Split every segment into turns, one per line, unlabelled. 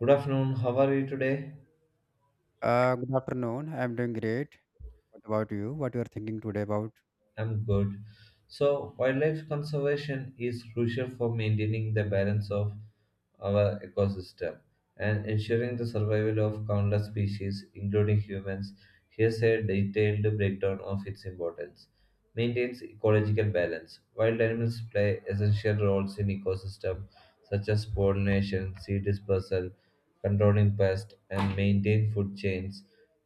Good afternoon. How are you today?
Good afternoon. I'm doing great. What about you? What you are thinking today about?
I'm good. So, wildlife conservation is crucial for maintaining the balance of our ecosystem and ensuring the survival of countless species, including humans. Here's a detailed breakdown of its importance. Maintains ecological balance. Wild animals play essential roles in ecosystem such as pollination, seed dispersal, controlling pests, and maintain food chains.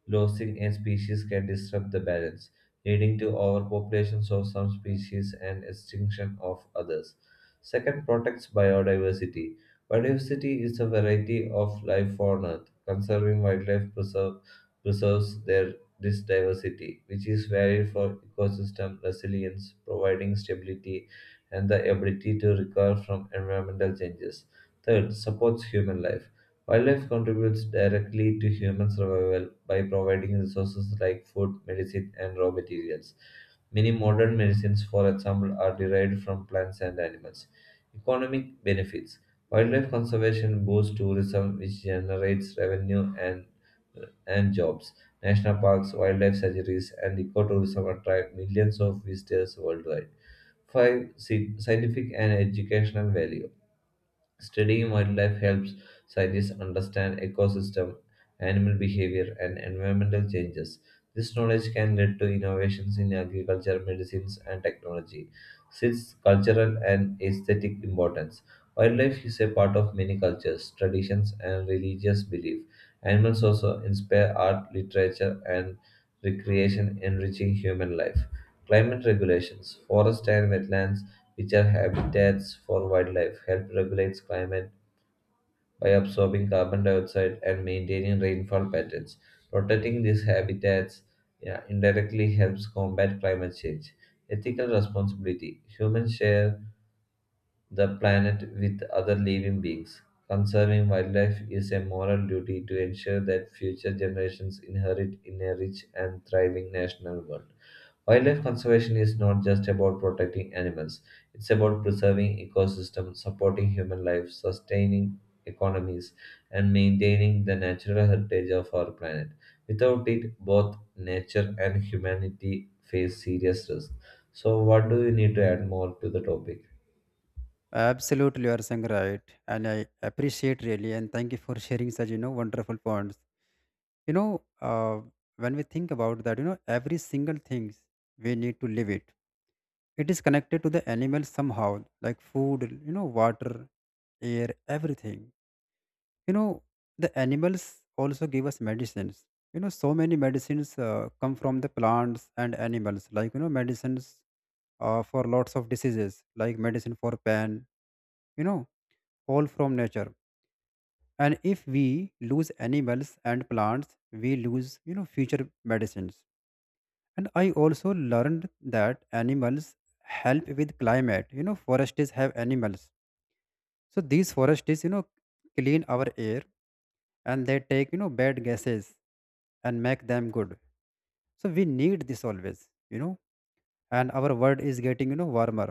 Losing a species can disrupt the balance leading to overpopulations of some species and extinction of others. Second, protects biodiversity. Biodiversity is a variety of life on Earth. Conserving wildlife preserves their this diversity, which is valued for ecosystem resilience, providing stability and the ability to recover from environmental changes. Third, supports human life. Wildlife contributes directly to human survival by providing resources like food, medicine, and raw materials. Many modern medicines, for example, are derived from plants and animals. Economic benefits. Wildlife conservation boosts tourism, which generates revenue and jobs. National parks, wildlife sanctuaries, and ecotourism attract millions of visitors worldwide. 5. Scientific and educational value. Studying wildlife helps scientists understand ecosystem, animal behavior, and environmental changes. This knowledge can lead to innovations in agriculture, medicines, and technology. Sixth, cultural and aesthetic importance. Wildlife is a part of many cultures, traditions, and religious belief. Animals also inspire art, literature, and recreation, enriching human life. Climate regulations, forests and wetlands which are habitats for wildlife, help regulates climate by absorbing carbon dioxide and maintaining rainfall patterns. Protecting these habitats, yeah, indirectly helps combat climate change. Ethical responsibility. Humans share the planet with other living beings. Conserving wildlife is a moral duty to ensure that future generations inherit in a rich and thriving national world. Wildlife conservation is not just about protecting animals, it's about preserving ecosystems, supporting human life, sustaining economies, and maintaining the natural heritage of our planet. Without it, both nature and humanity face serious risks. So, what do you need to add more to the topic?
Absolutely, you are saying right, and I appreciate really, and thank you for sharing such wonderful points. You know, uh, when we think about that, every single things we need to live it. It is connected to the animal somehow, like food, water, air, everything. You know, the animals also give us medicines. You know, so many medicines come from the plants and animals, like medicines for lots of diseases, like medicine for pain you know all from nature. And if we lose animals and plants, we lose future medicines. And I also learned that animals help with climate. Forests have animals, so these forests clean our air, and they take bad gases and make them good. So we need this always. And our world is getting warmer,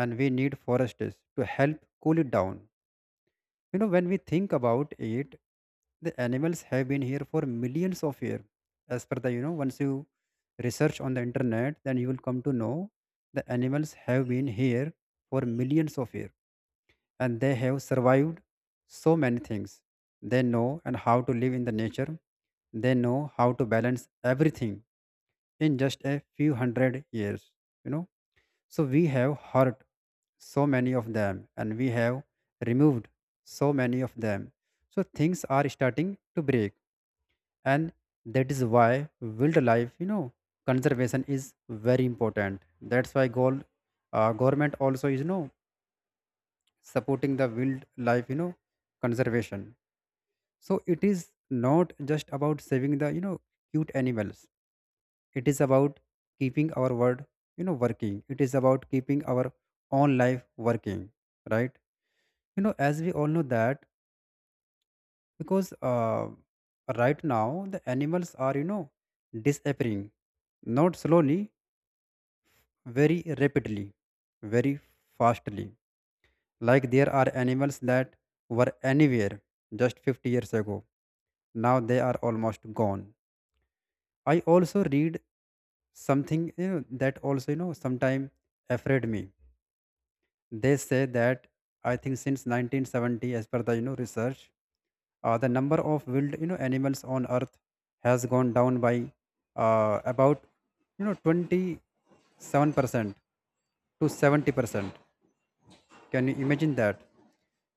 and we need forests to help cool it down. You know, when we think about it, the animals have been here for millions of years. As per the, once you research on the internet, then you will come to know the animals have been here for millions of years, and they have survived so many things. They know and how to live in the nature, they know how to balance everything. In just a few hundred years you know so we have hurt so many of them, and we have removed so many of them. So things are starting to break, and that is why wildlife, conservation is very important. That's why goal, government also is, supporting the wildlife, conservation. So it is not just about saving the, cute animals. It is about keeping our word working. It is about keeping our own life working, right? You know, as we all know that, because right now the animals are disappearing, not slowly, very rapidly, very fastly. Like there are animals that were anywhere just 50 years ago, now they are almost gone. I also read something, that also sometime afraid me. They say that I think since 1970, as per the, research, the number of wild, animals on Earth has gone down by, about, 27% to 70%. Can you imagine that?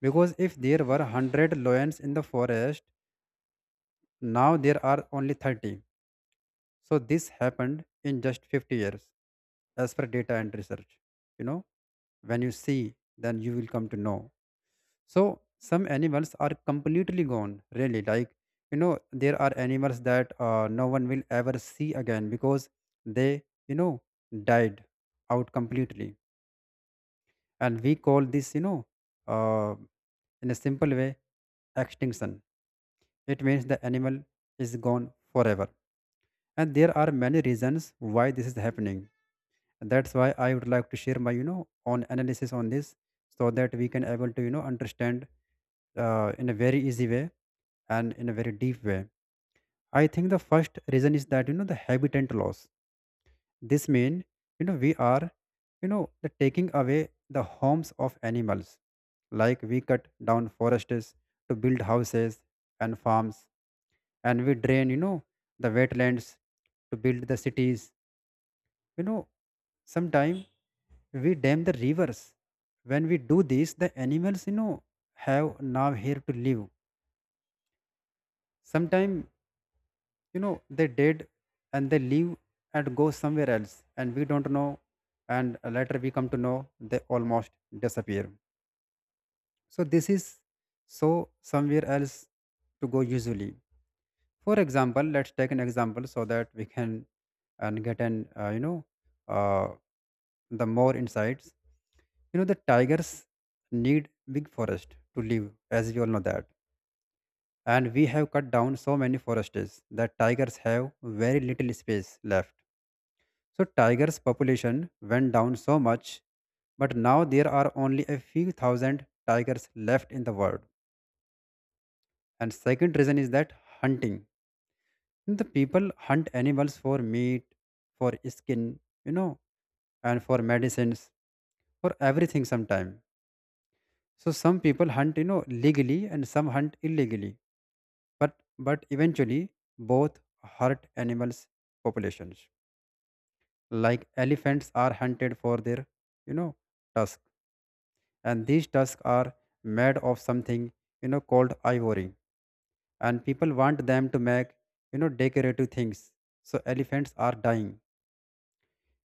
Because if there were 100 lions in the forest, now there are only 30. So this happened in just 50 years, as per data and research. You know, when you see, then you will come to know. So some animals are completely gone, really. Like, there are animals that no one will ever see again because they, died out completely. And we call this, uh, in a simple way, extinction. It means the animal is gone forever. And there are many reasons why this is happening. That's why I would like to share my, own analysis on this so that we can able to, understand in a very easy way and in a very deep way. I think the first reason is that, the habitat loss. This means, we are, the taking away the homes of animals. Like we cut down forests to build houses and farms, and we drain, the wetlands to build the cities, you know sometime we dam the rivers. When we do this, the animals, have now here to live. Sometime, you know they did and they leave and go somewhere else and we don't know. And later we come to know they almost disappear. So this is, so, somewhere else to go usually. For example, let's take an example so that we can and get an, uh, you know uh, the more insights. You know, the tigers need big forest to live, as we all know that, and we have cut down so many forests that tigers have very little space left. So tigers population went down so much, but now there are only a few thousand tigers left in the world. And second reason is that hunting. The people hunt animals for meat, for skin, and for medicines, for everything sometime. So some people hunt, legally and some hunt illegally. But eventually both hurt animals populations. Like elephants are hunted for their, you know, tusk, and these tusks are made of something called ivory, and people want them to make decorative things. So elephants are dying.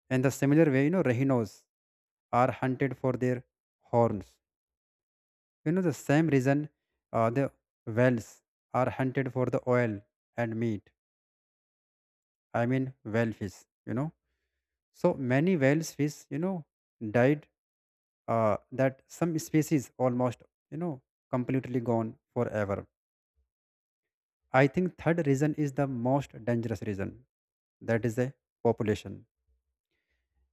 In the similar way, rhinos are hunted for their horns, the same reason. The whales are hunted for the oil and meat. I mean, whale fish, you know so many whales fish, died, uh, that some species almost, you know completely gone forever. I think third reason is the most dangerous reason. That is a population,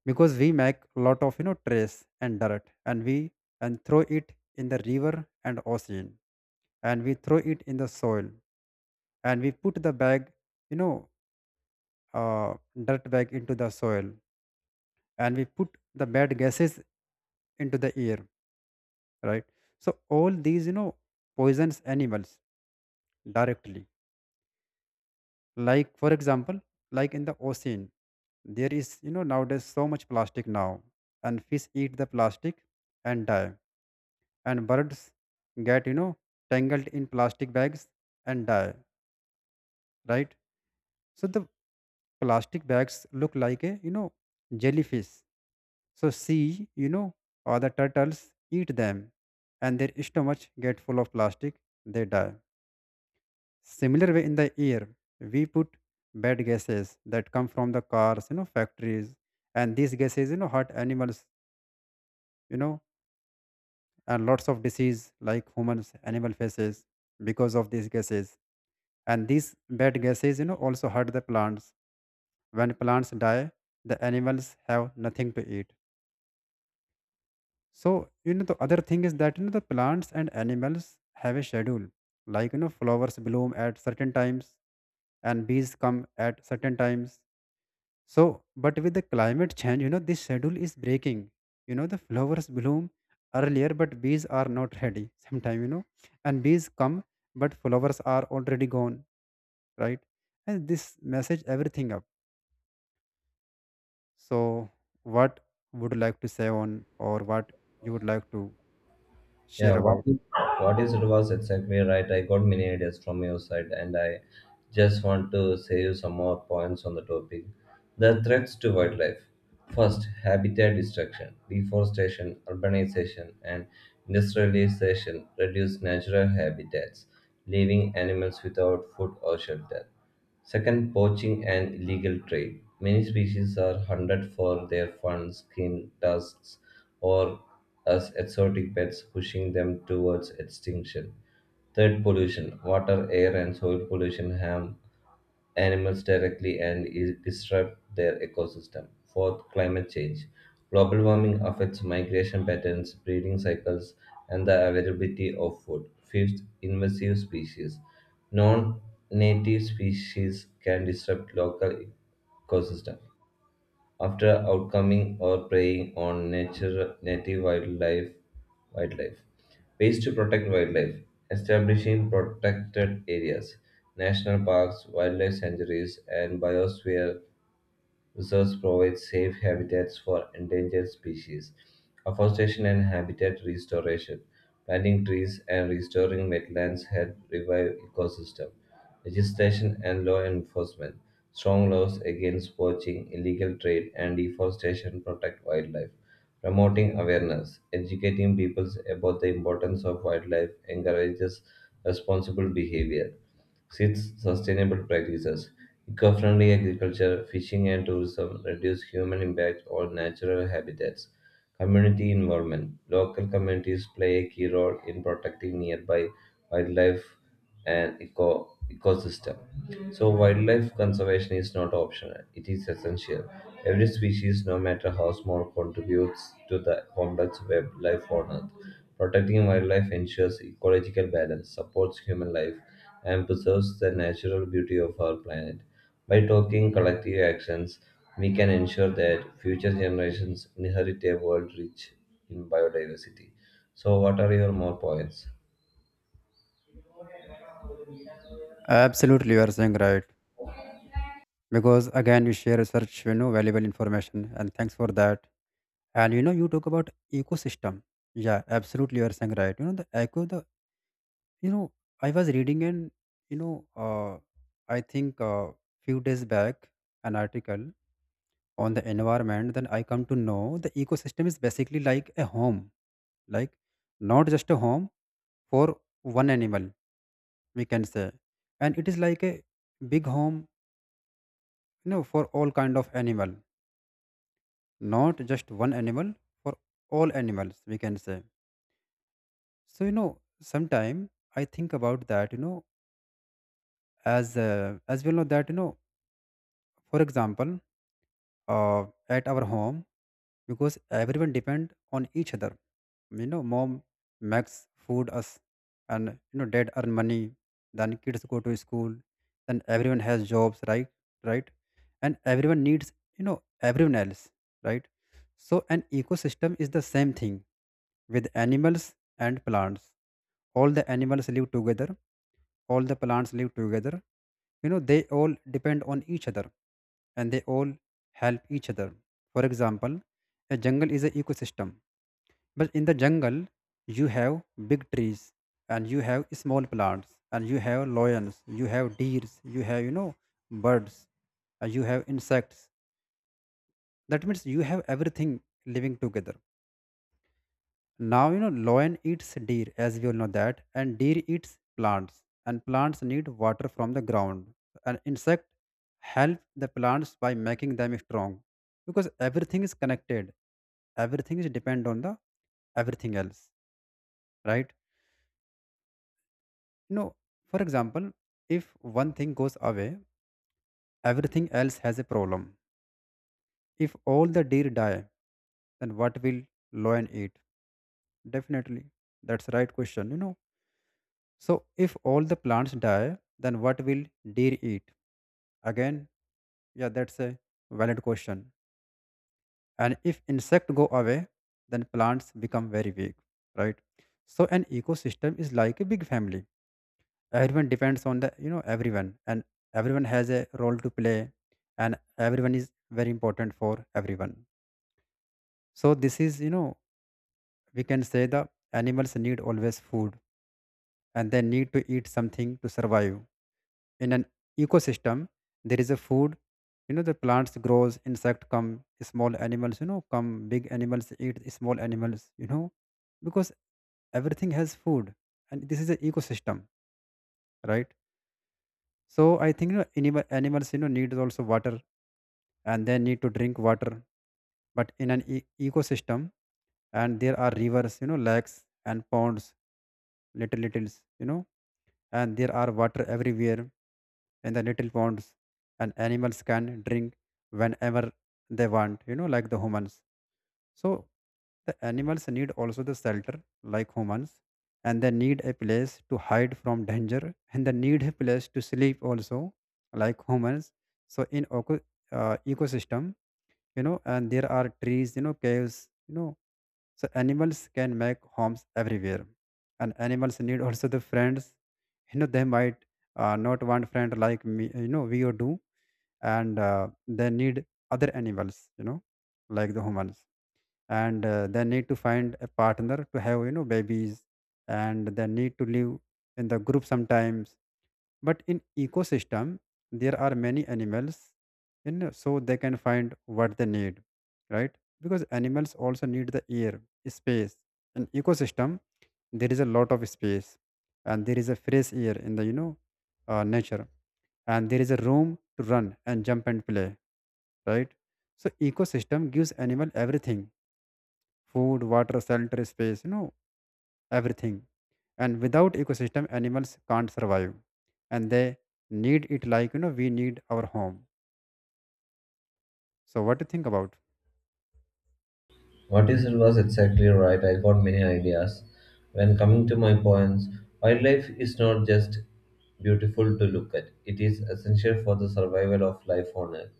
because we make a lot of, trash and dirt, and we and throw it in the river and ocean, and we throw it in the soil, and we put the bag, you know uh, dirt bag, into the soil, and we put the bad gases into the air, right? So all these, poisons animals directly. Like for example, like in the ocean there is, nowadays, so much plastic now, and fish eat the plastic and die, and birds get, tangled in plastic bags and die, right? So the plastic bags look like a, jellyfish, so sea, or the turtles eat them, and their stomachs get full of plastic, they die. Similar way, in the air, we put bad gases that come from the cars, factories, and these gases, hurt animals, you know, and lots of disease like humans, animal faces because of these gases. And these bad gases, also hurt the plants. When plants die, the animals have nothing to eat. So, the other thing is that, the plants and animals have a schedule. Like, flowers bloom at certain times and bees come at certain times. So, but with the climate change, this schedule is breaking. You know, the flowers bloom earlier, but bees are not ready sometime, and bees come, but flowers are already gone, right? And this message everything up. So, what would you like to say on, or what you would like to
Yeah,
share about?
what you said was exactly right. I got many ideas from your side, and I just want to say you some more points on the topic. The threats to wildlife. First, habitat destruction, deforestation, urbanization, and industrialization reduce natural habitats, leaving animals without food or shelter. Second, poaching and illegal trade. Many species are hunted for their fur, skin, tusks, or as exotic pets, pushing them towards extinction. Third, pollution. Water, air, and soil pollution harm animals directly and disrupt their ecosystem. Fourth, climate change. Global warming affects migration patterns, breeding cycles, and the availability of food. Fifth, invasive species. Non native species can disrupt local ecosystem after outcoming or preying on nature, wildlife. Ways to protect wildlife: establishing protected areas, national parks, wildlife sanctuaries, and biosphere reserves provide safe habitats for endangered species. Afforestation and habitat restoration. Planting trees and restoring wetlands help revive ecosystem. Legislation and law enforcement. Strong laws against poaching, illegal trade, and deforestation protect wildlife. Promoting awareness, educating people about the importance of wildlife encourages responsible behavior. Six, sustainable practices. Eco-friendly agriculture, fishing and tourism reduce human impact on natural habitats. Community involvement. Local communities play a key role in protecting nearby wildlife and ecosystem. So wildlife conservation is not optional, it is essential. Every species, no matter how small, contributes to the complex web life on Earth. Protecting wildlife ensures ecological balance, supports human life, and preserves the natural beauty of our planet. By taking collective actions, we can ensure that future generations inherit a world rich in biodiversity. So, what are your more points?
Absolutely, you are saying right. Because again, you share such valuable information, and thanks for that. And you know, you talk about ecosystem. Yeah, absolutely, you are saying right. You know, the eco, the, you know I was reading and, you know uh, I think, few days back, an article on the environment, then I come to know the ecosystem is basically like a home. Like not just a home for one animal, we can say, and it is like a big home, for all kind of animal, not just one animal, for all animals we can say. So, sometime I think about that, as we know that, for example, at our home, because everyone depend on each other. You know, mom makes food us, and you know, dad earn money. Then kids go to school. Then everyone has jobs, right? Right, and everyone needs, everyone else, right? So an ecosystem is the same thing with animals and plants. All the animals live together, all the plants live together. You know, they all depend on each other and they all help each other. For example, a jungle is an ecosystem. But in the jungle, you have big trees and you have small plants and you have lions, you have deers, you have, birds, you have insects. That means you have everything living together. Now, you know, lion eats deer, as we all know that, and deer eats plants, and plants need water from the ground. An insect help the plants by making them strong, because everything is connected. Everything is depend on the everything else, right? You know, for example, if one thing goes away, everything else has a problem. If all the deer die, then what will lion eat? Definitely, that's the right question. You know. So if all the plants die, then what will deer eat? Again, yeah, that's a valid question. And if insect go away, then plants become very weak, right? So an ecosystem is like a big family. Everyone depends on the, everyone, and everyone has a role to play, and everyone is very important for everyone. So this is, we can say the animals need always food, and they need to eat something to survive. In an ecosystem there is a food, the plants grows, insect come, small animals, come big animals eat small animals, because everything has food, and this is an ecosystem, right? So I think, animals, need also water, and they need to drink water. But in an ecosystem, and there are rivers, lakes and ponds, little littles, and there are water everywhere in the little ponds, and animals can drink whenever they want, like the humans. So the animals need also the shelter, like humans, and they need a place to hide from danger, and they need a place to sleep also, like humans. So in ecosystem, and there are trees, caves, you know so animals can make homes everywhere. And animals need also the friends. You know they might, not want friend like me, we or do. And they need other animals, like the humans. And they need to find a partner to have, babies, and they need to live in the group sometimes. But in ecosystem there are many animals, so they can find what they need, right? Because animals also need the air space. In ecosystem there is a lot of space, and there is a fresh air in the, nature, and there is a room to run and jump and play, right? So ecosystem gives animal everything: food, water, shelter, space, everything. And without ecosystem, animals can't survive, and they need it like, we need our home. So what do you think about?
What you said was exactly right. I got many ideas. When coming to my points, wildlife is not just beautiful to look at. It is essential for the survival of life on Earth.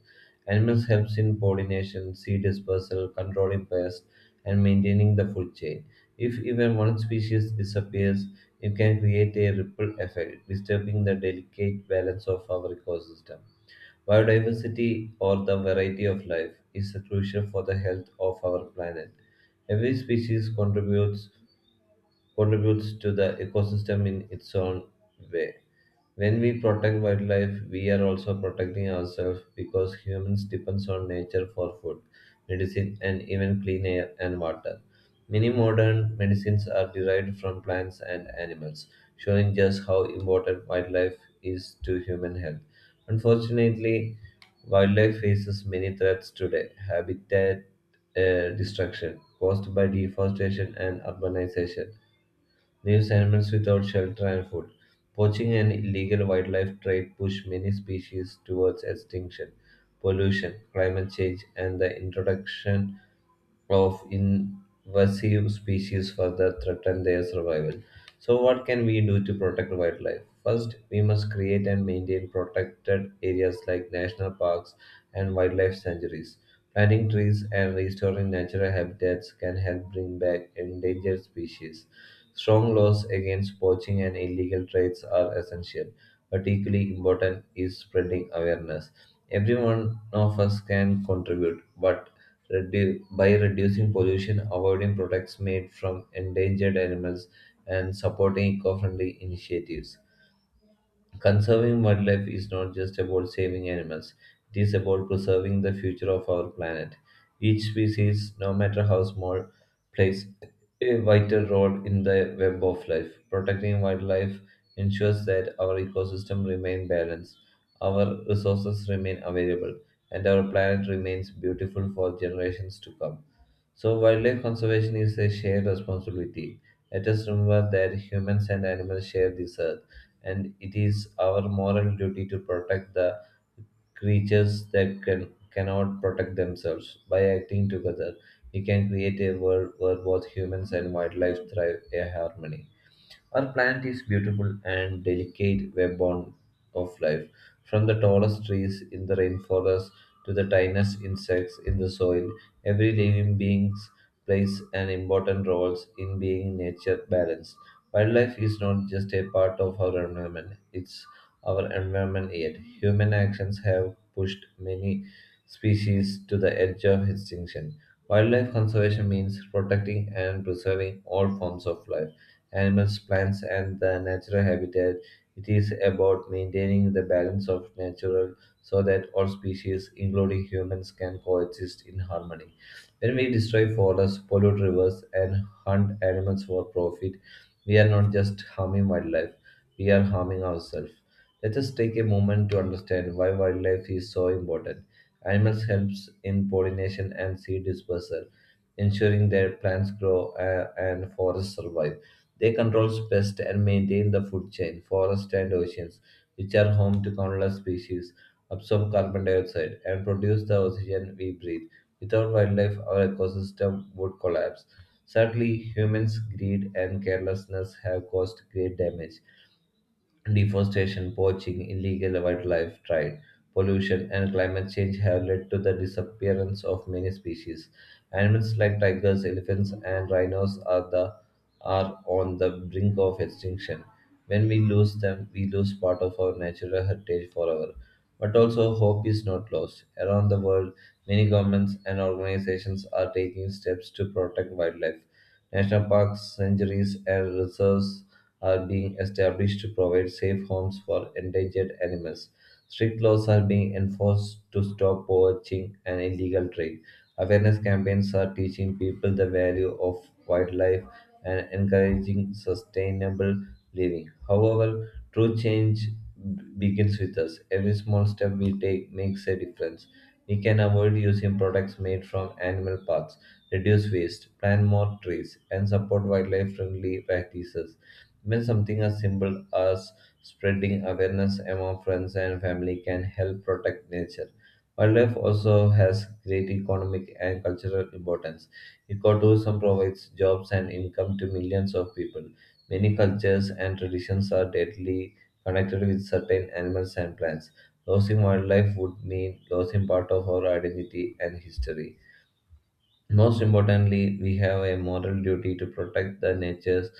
Animals helps in pollination, seed dispersal, controlling pests, and maintaining the food chain. If even one species disappears, it can create a ripple effect, disturbing the delicate balance of our ecosystem. Biodiversity, or the variety of life, is crucial for the health of our planet. Every species contributes to the ecosystem in its own way. When we protect wildlife, we are also protecting ourselves because humans depend on nature for food, medicine, and even clean air and water. Many modern medicines are derived from plants and animals, showing just how important wildlife is to human health. Unfortunately, wildlife faces many threats today, habitat destruction caused by deforestation and urbanization leaves animals without shelter and food. Poaching and illegal wildlife trade push many species towards extinction. Pollution, climate change, and the introduction of invasive species further threaten their survival. So, what can we do to protect wildlife? First, we must create and maintain protected areas like national parks and wildlife sanctuaries. Planting trees and restoring natural habitats can help bring back endangered species. Strong laws against poaching and illegal trades are essential, but equally important is spreading awareness. Every one of us can contribute, but by reducing pollution, avoiding products made from endangered animals, and supporting eco friendly initiatives. Conserving wildlife is not just about saving animals, it is about preserving the future of our planet. Each species, no matter how small, plays a vital role in the web of life. Protecting wildlife ensures that our ecosystem remain balanced, our resources remain available, and our planet remains beautiful for generations to come. So, wildlife conservation is a shared responsibility. Let us remember that humans and animals share this earth, and it is our moral duty to protect the creatures that cannot protect themselves. By acting together, we can create a world where both humans and wildlife thrive in harmony. Our planet is beautiful and delicate webworn of life, from the tallest trees in the rainforest to the tiniest insects in the soil. Every living being plays an important role in being nature balanced. Wildlife is not just a part of our environment; it's our environment yet. Human actions have pushed many species to the edge of extinction. Wildlife conservation means protecting and preserving all forms of life animals, plants, and the natural habitat. It is about maintaining the balance of nature so that all species, including humans, can coexist in harmony. When we destroy forests, pollute rivers, and hunt animals for profit, we are not just harming wildlife, we are harming ourselves. Let us take a moment to understand why wildlife is so important. Animals helps in pollination and seed dispersal, ensuring that plants grow and forests survive. They control pests and maintain the food chain, forests, and oceans, which are home to countless species, absorb carbon dioxide, and produce the oxygen we breathe. Without wildlife, our ecosystem would collapse. Sadly, humans' greed and carelessness have caused great damage. Deforestation, poaching, illegal wildlife trade, pollution, and climate change have led to the disappearance of many species. Animals like tigers, elephants, and rhinos are on the brink of extinction. When we lose them, we lose part of our natural heritage forever. But also, hope is not lost. Around the world, many governments and organizations are taking steps to protect wildlife. National parks, sanctuaries, and reserves are being established to provide safe homes for endangered animals. Strict laws are being enforced to stop poaching and illegal trade. Awareness campaigns are teaching people the value of wildlife and encouraging sustainable living. However, true change begins with us. Every small step we take makes a difference. We can avoid using products made from animal parts, reduce waste, plant more trees, and support wildlife friendly practices. Even something as simple as spreading awareness among friends and family can help protect nature. Wildlife also has great economic and cultural importance. Ecotourism provides jobs and income to millions of people. Many cultures and traditions are deadly connected with certain animals and plants. Losing wildlife would mean losing part of our identity and history. Most importantly, we have a moral duty to protect the nature's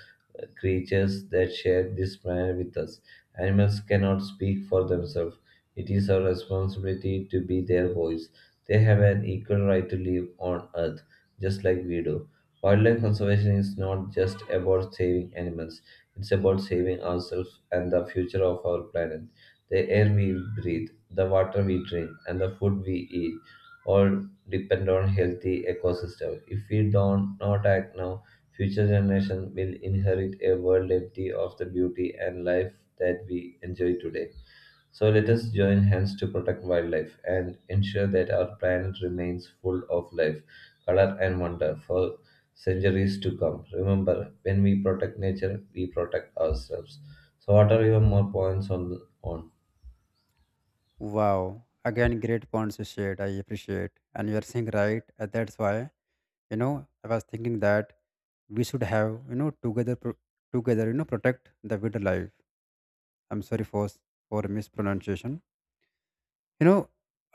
creatures that share this planet with us. Animals cannot speak for themselves. It is our responsibility to be their voice. They have an equal right to live on Earth, just like we do. Wildlife conservation is not just about saving animals, it's about saving ourselves and the future of our planet. The air we breathe, the water we drink, and the food we eat all depend on healthy ecosystem. If we don't not act now, future generation will inherit a world empty of the beauty and life that we enjoy today. So let us join hands to protect wildlife and ensure that our planet remains full of life, color and wonder for centuries to come. Remember, when we protect nature, we protect ourselves. So what are your more points on?
Wow, again, great points you shared. I appreciate, and you are saying right. and That's why, I was thinking that we should have, together, protect the wildlife. I'm sorry for mispronunciation. You know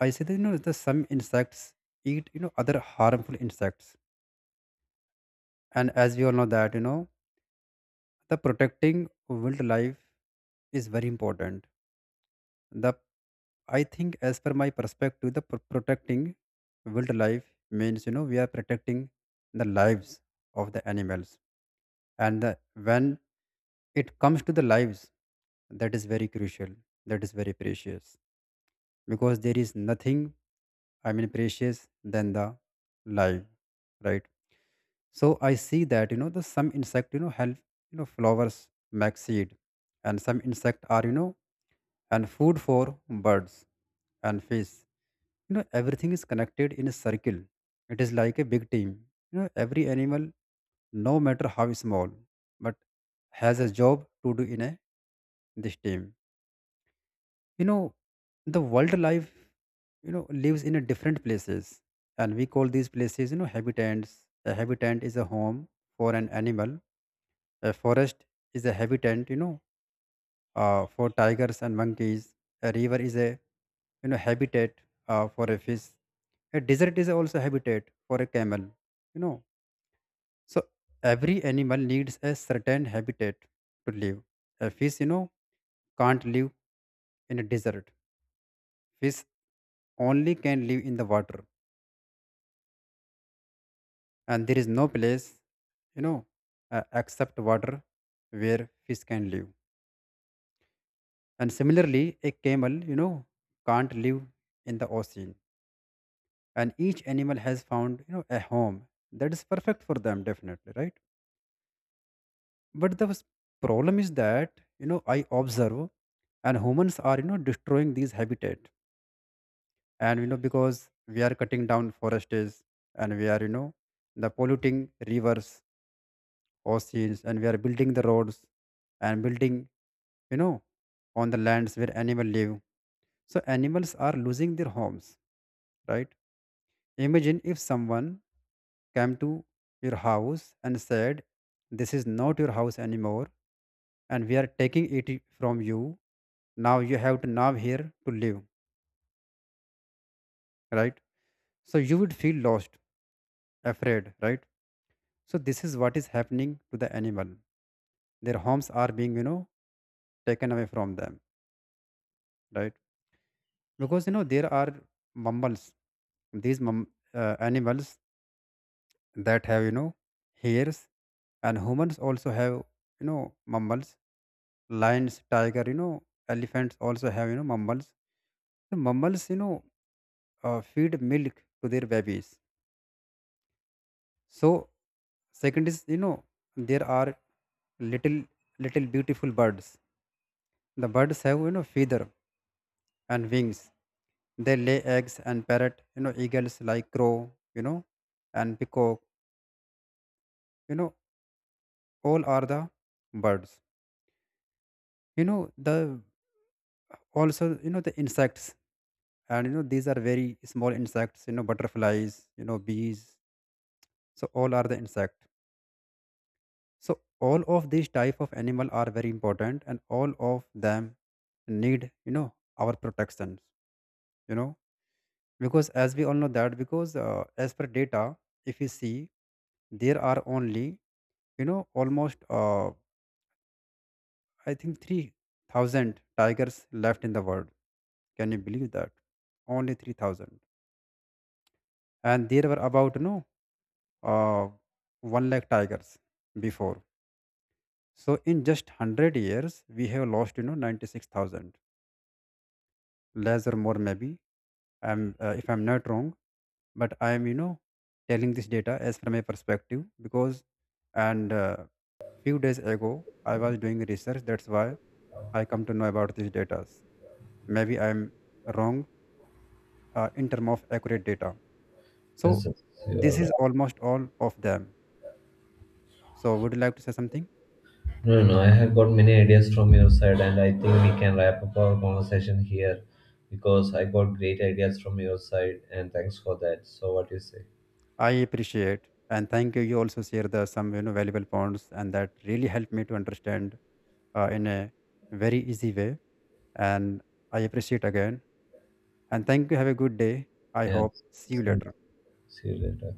I say that, that some insects eat, other harmful insects. And as we all know that, the protecting wildlife is very important. The I think, as per my perspective, the protecting wildlife means, we are protecting the lives of the animals. and the, when it comes to the lives, that is very crucial, that is very precious, because there is nothing, I mean, precious than the life, right? So I see that, the some insect, help, flowers make seed, and some insect are, and food for birds and fish. You know everything is connected in a circle. It is like a big team. You know every animal, no matter how small, but has a job to do in a this team. You know the world life, lives in a different places, and we call these places, habitats. A habitat is a home for an animal. A forest is a habitat, for tigers and monkeys. A river is a, habitat, for a fish. A desert is also habitat for a camel, you know so every animal needs a certain habitat to live. A fish, can't live in a desert. Fish only can live in the water, and there is no place, you know except water, where fish can live. And similarly, a camel, can't live in the ocean. And each animal has found, a home that is perfect for them, definitely, right? But the problem is that, I observe, and humans are, destroying these habitat. And, because we are cutting down forests, and we are, the polluting rivers, oceans, and we are building the roads and building, you know, on the lands where animals live. So animals are losing their homes, right? Imagine if someone came to your house and said, "This is not your house anymore, and we are taking it from you. Now you have to now here to live," right? So you would feel lost, afraid, right? So this is what is happening to the animal. Their homes are being, taken away from them, right? Because, there are mammals. These animals that have, hairs, and humans also have, mammals. Lions, tiger, elephants, also have, mammals. The mammals, feed milk to their babies. So second is, there are little little beautiful birds. The birds have, feather and wings. They lay eggs. And parrot, eagles, like crow, you know and peacock, you know all are the birds. You know the also, the insects. And, these are very small insects, butterflies, bees. So all are the insect. So all of these type of animal are very important, and all of them need, our protections. You know because as we all know that, because, as per data, if you see, there are only, almost, I think 3000 tigers left in the world. Can you believe that? Only 3000. And there were about, no, uh, 1 lakh tigers before. So in just 100 years, we have lost, you know, 96,000, less or more maybe. I'm, if I'm not wrong, but I am, you know, telling this data as from a perspective, because, and few days ago, I was doing research. That's why I come to know about these data. Maybe I'm wrong, in term of accurate data. So
Yes, yes, you are
this is
right.
almost all of them. So would you like to say something?
No, no, no. I have got many ideas from your side, and I think we can wrap up our conversation here because I got great ideas from your side, and thanks for that. So, what do you say?
I appreciate and thank you. You also share the some, valuable points, and that really helped me to understand, in a very easy way. And I appreciate again. And thank you. Have a good day. I
Yeah,
hope. See you
so,
later.
see you later.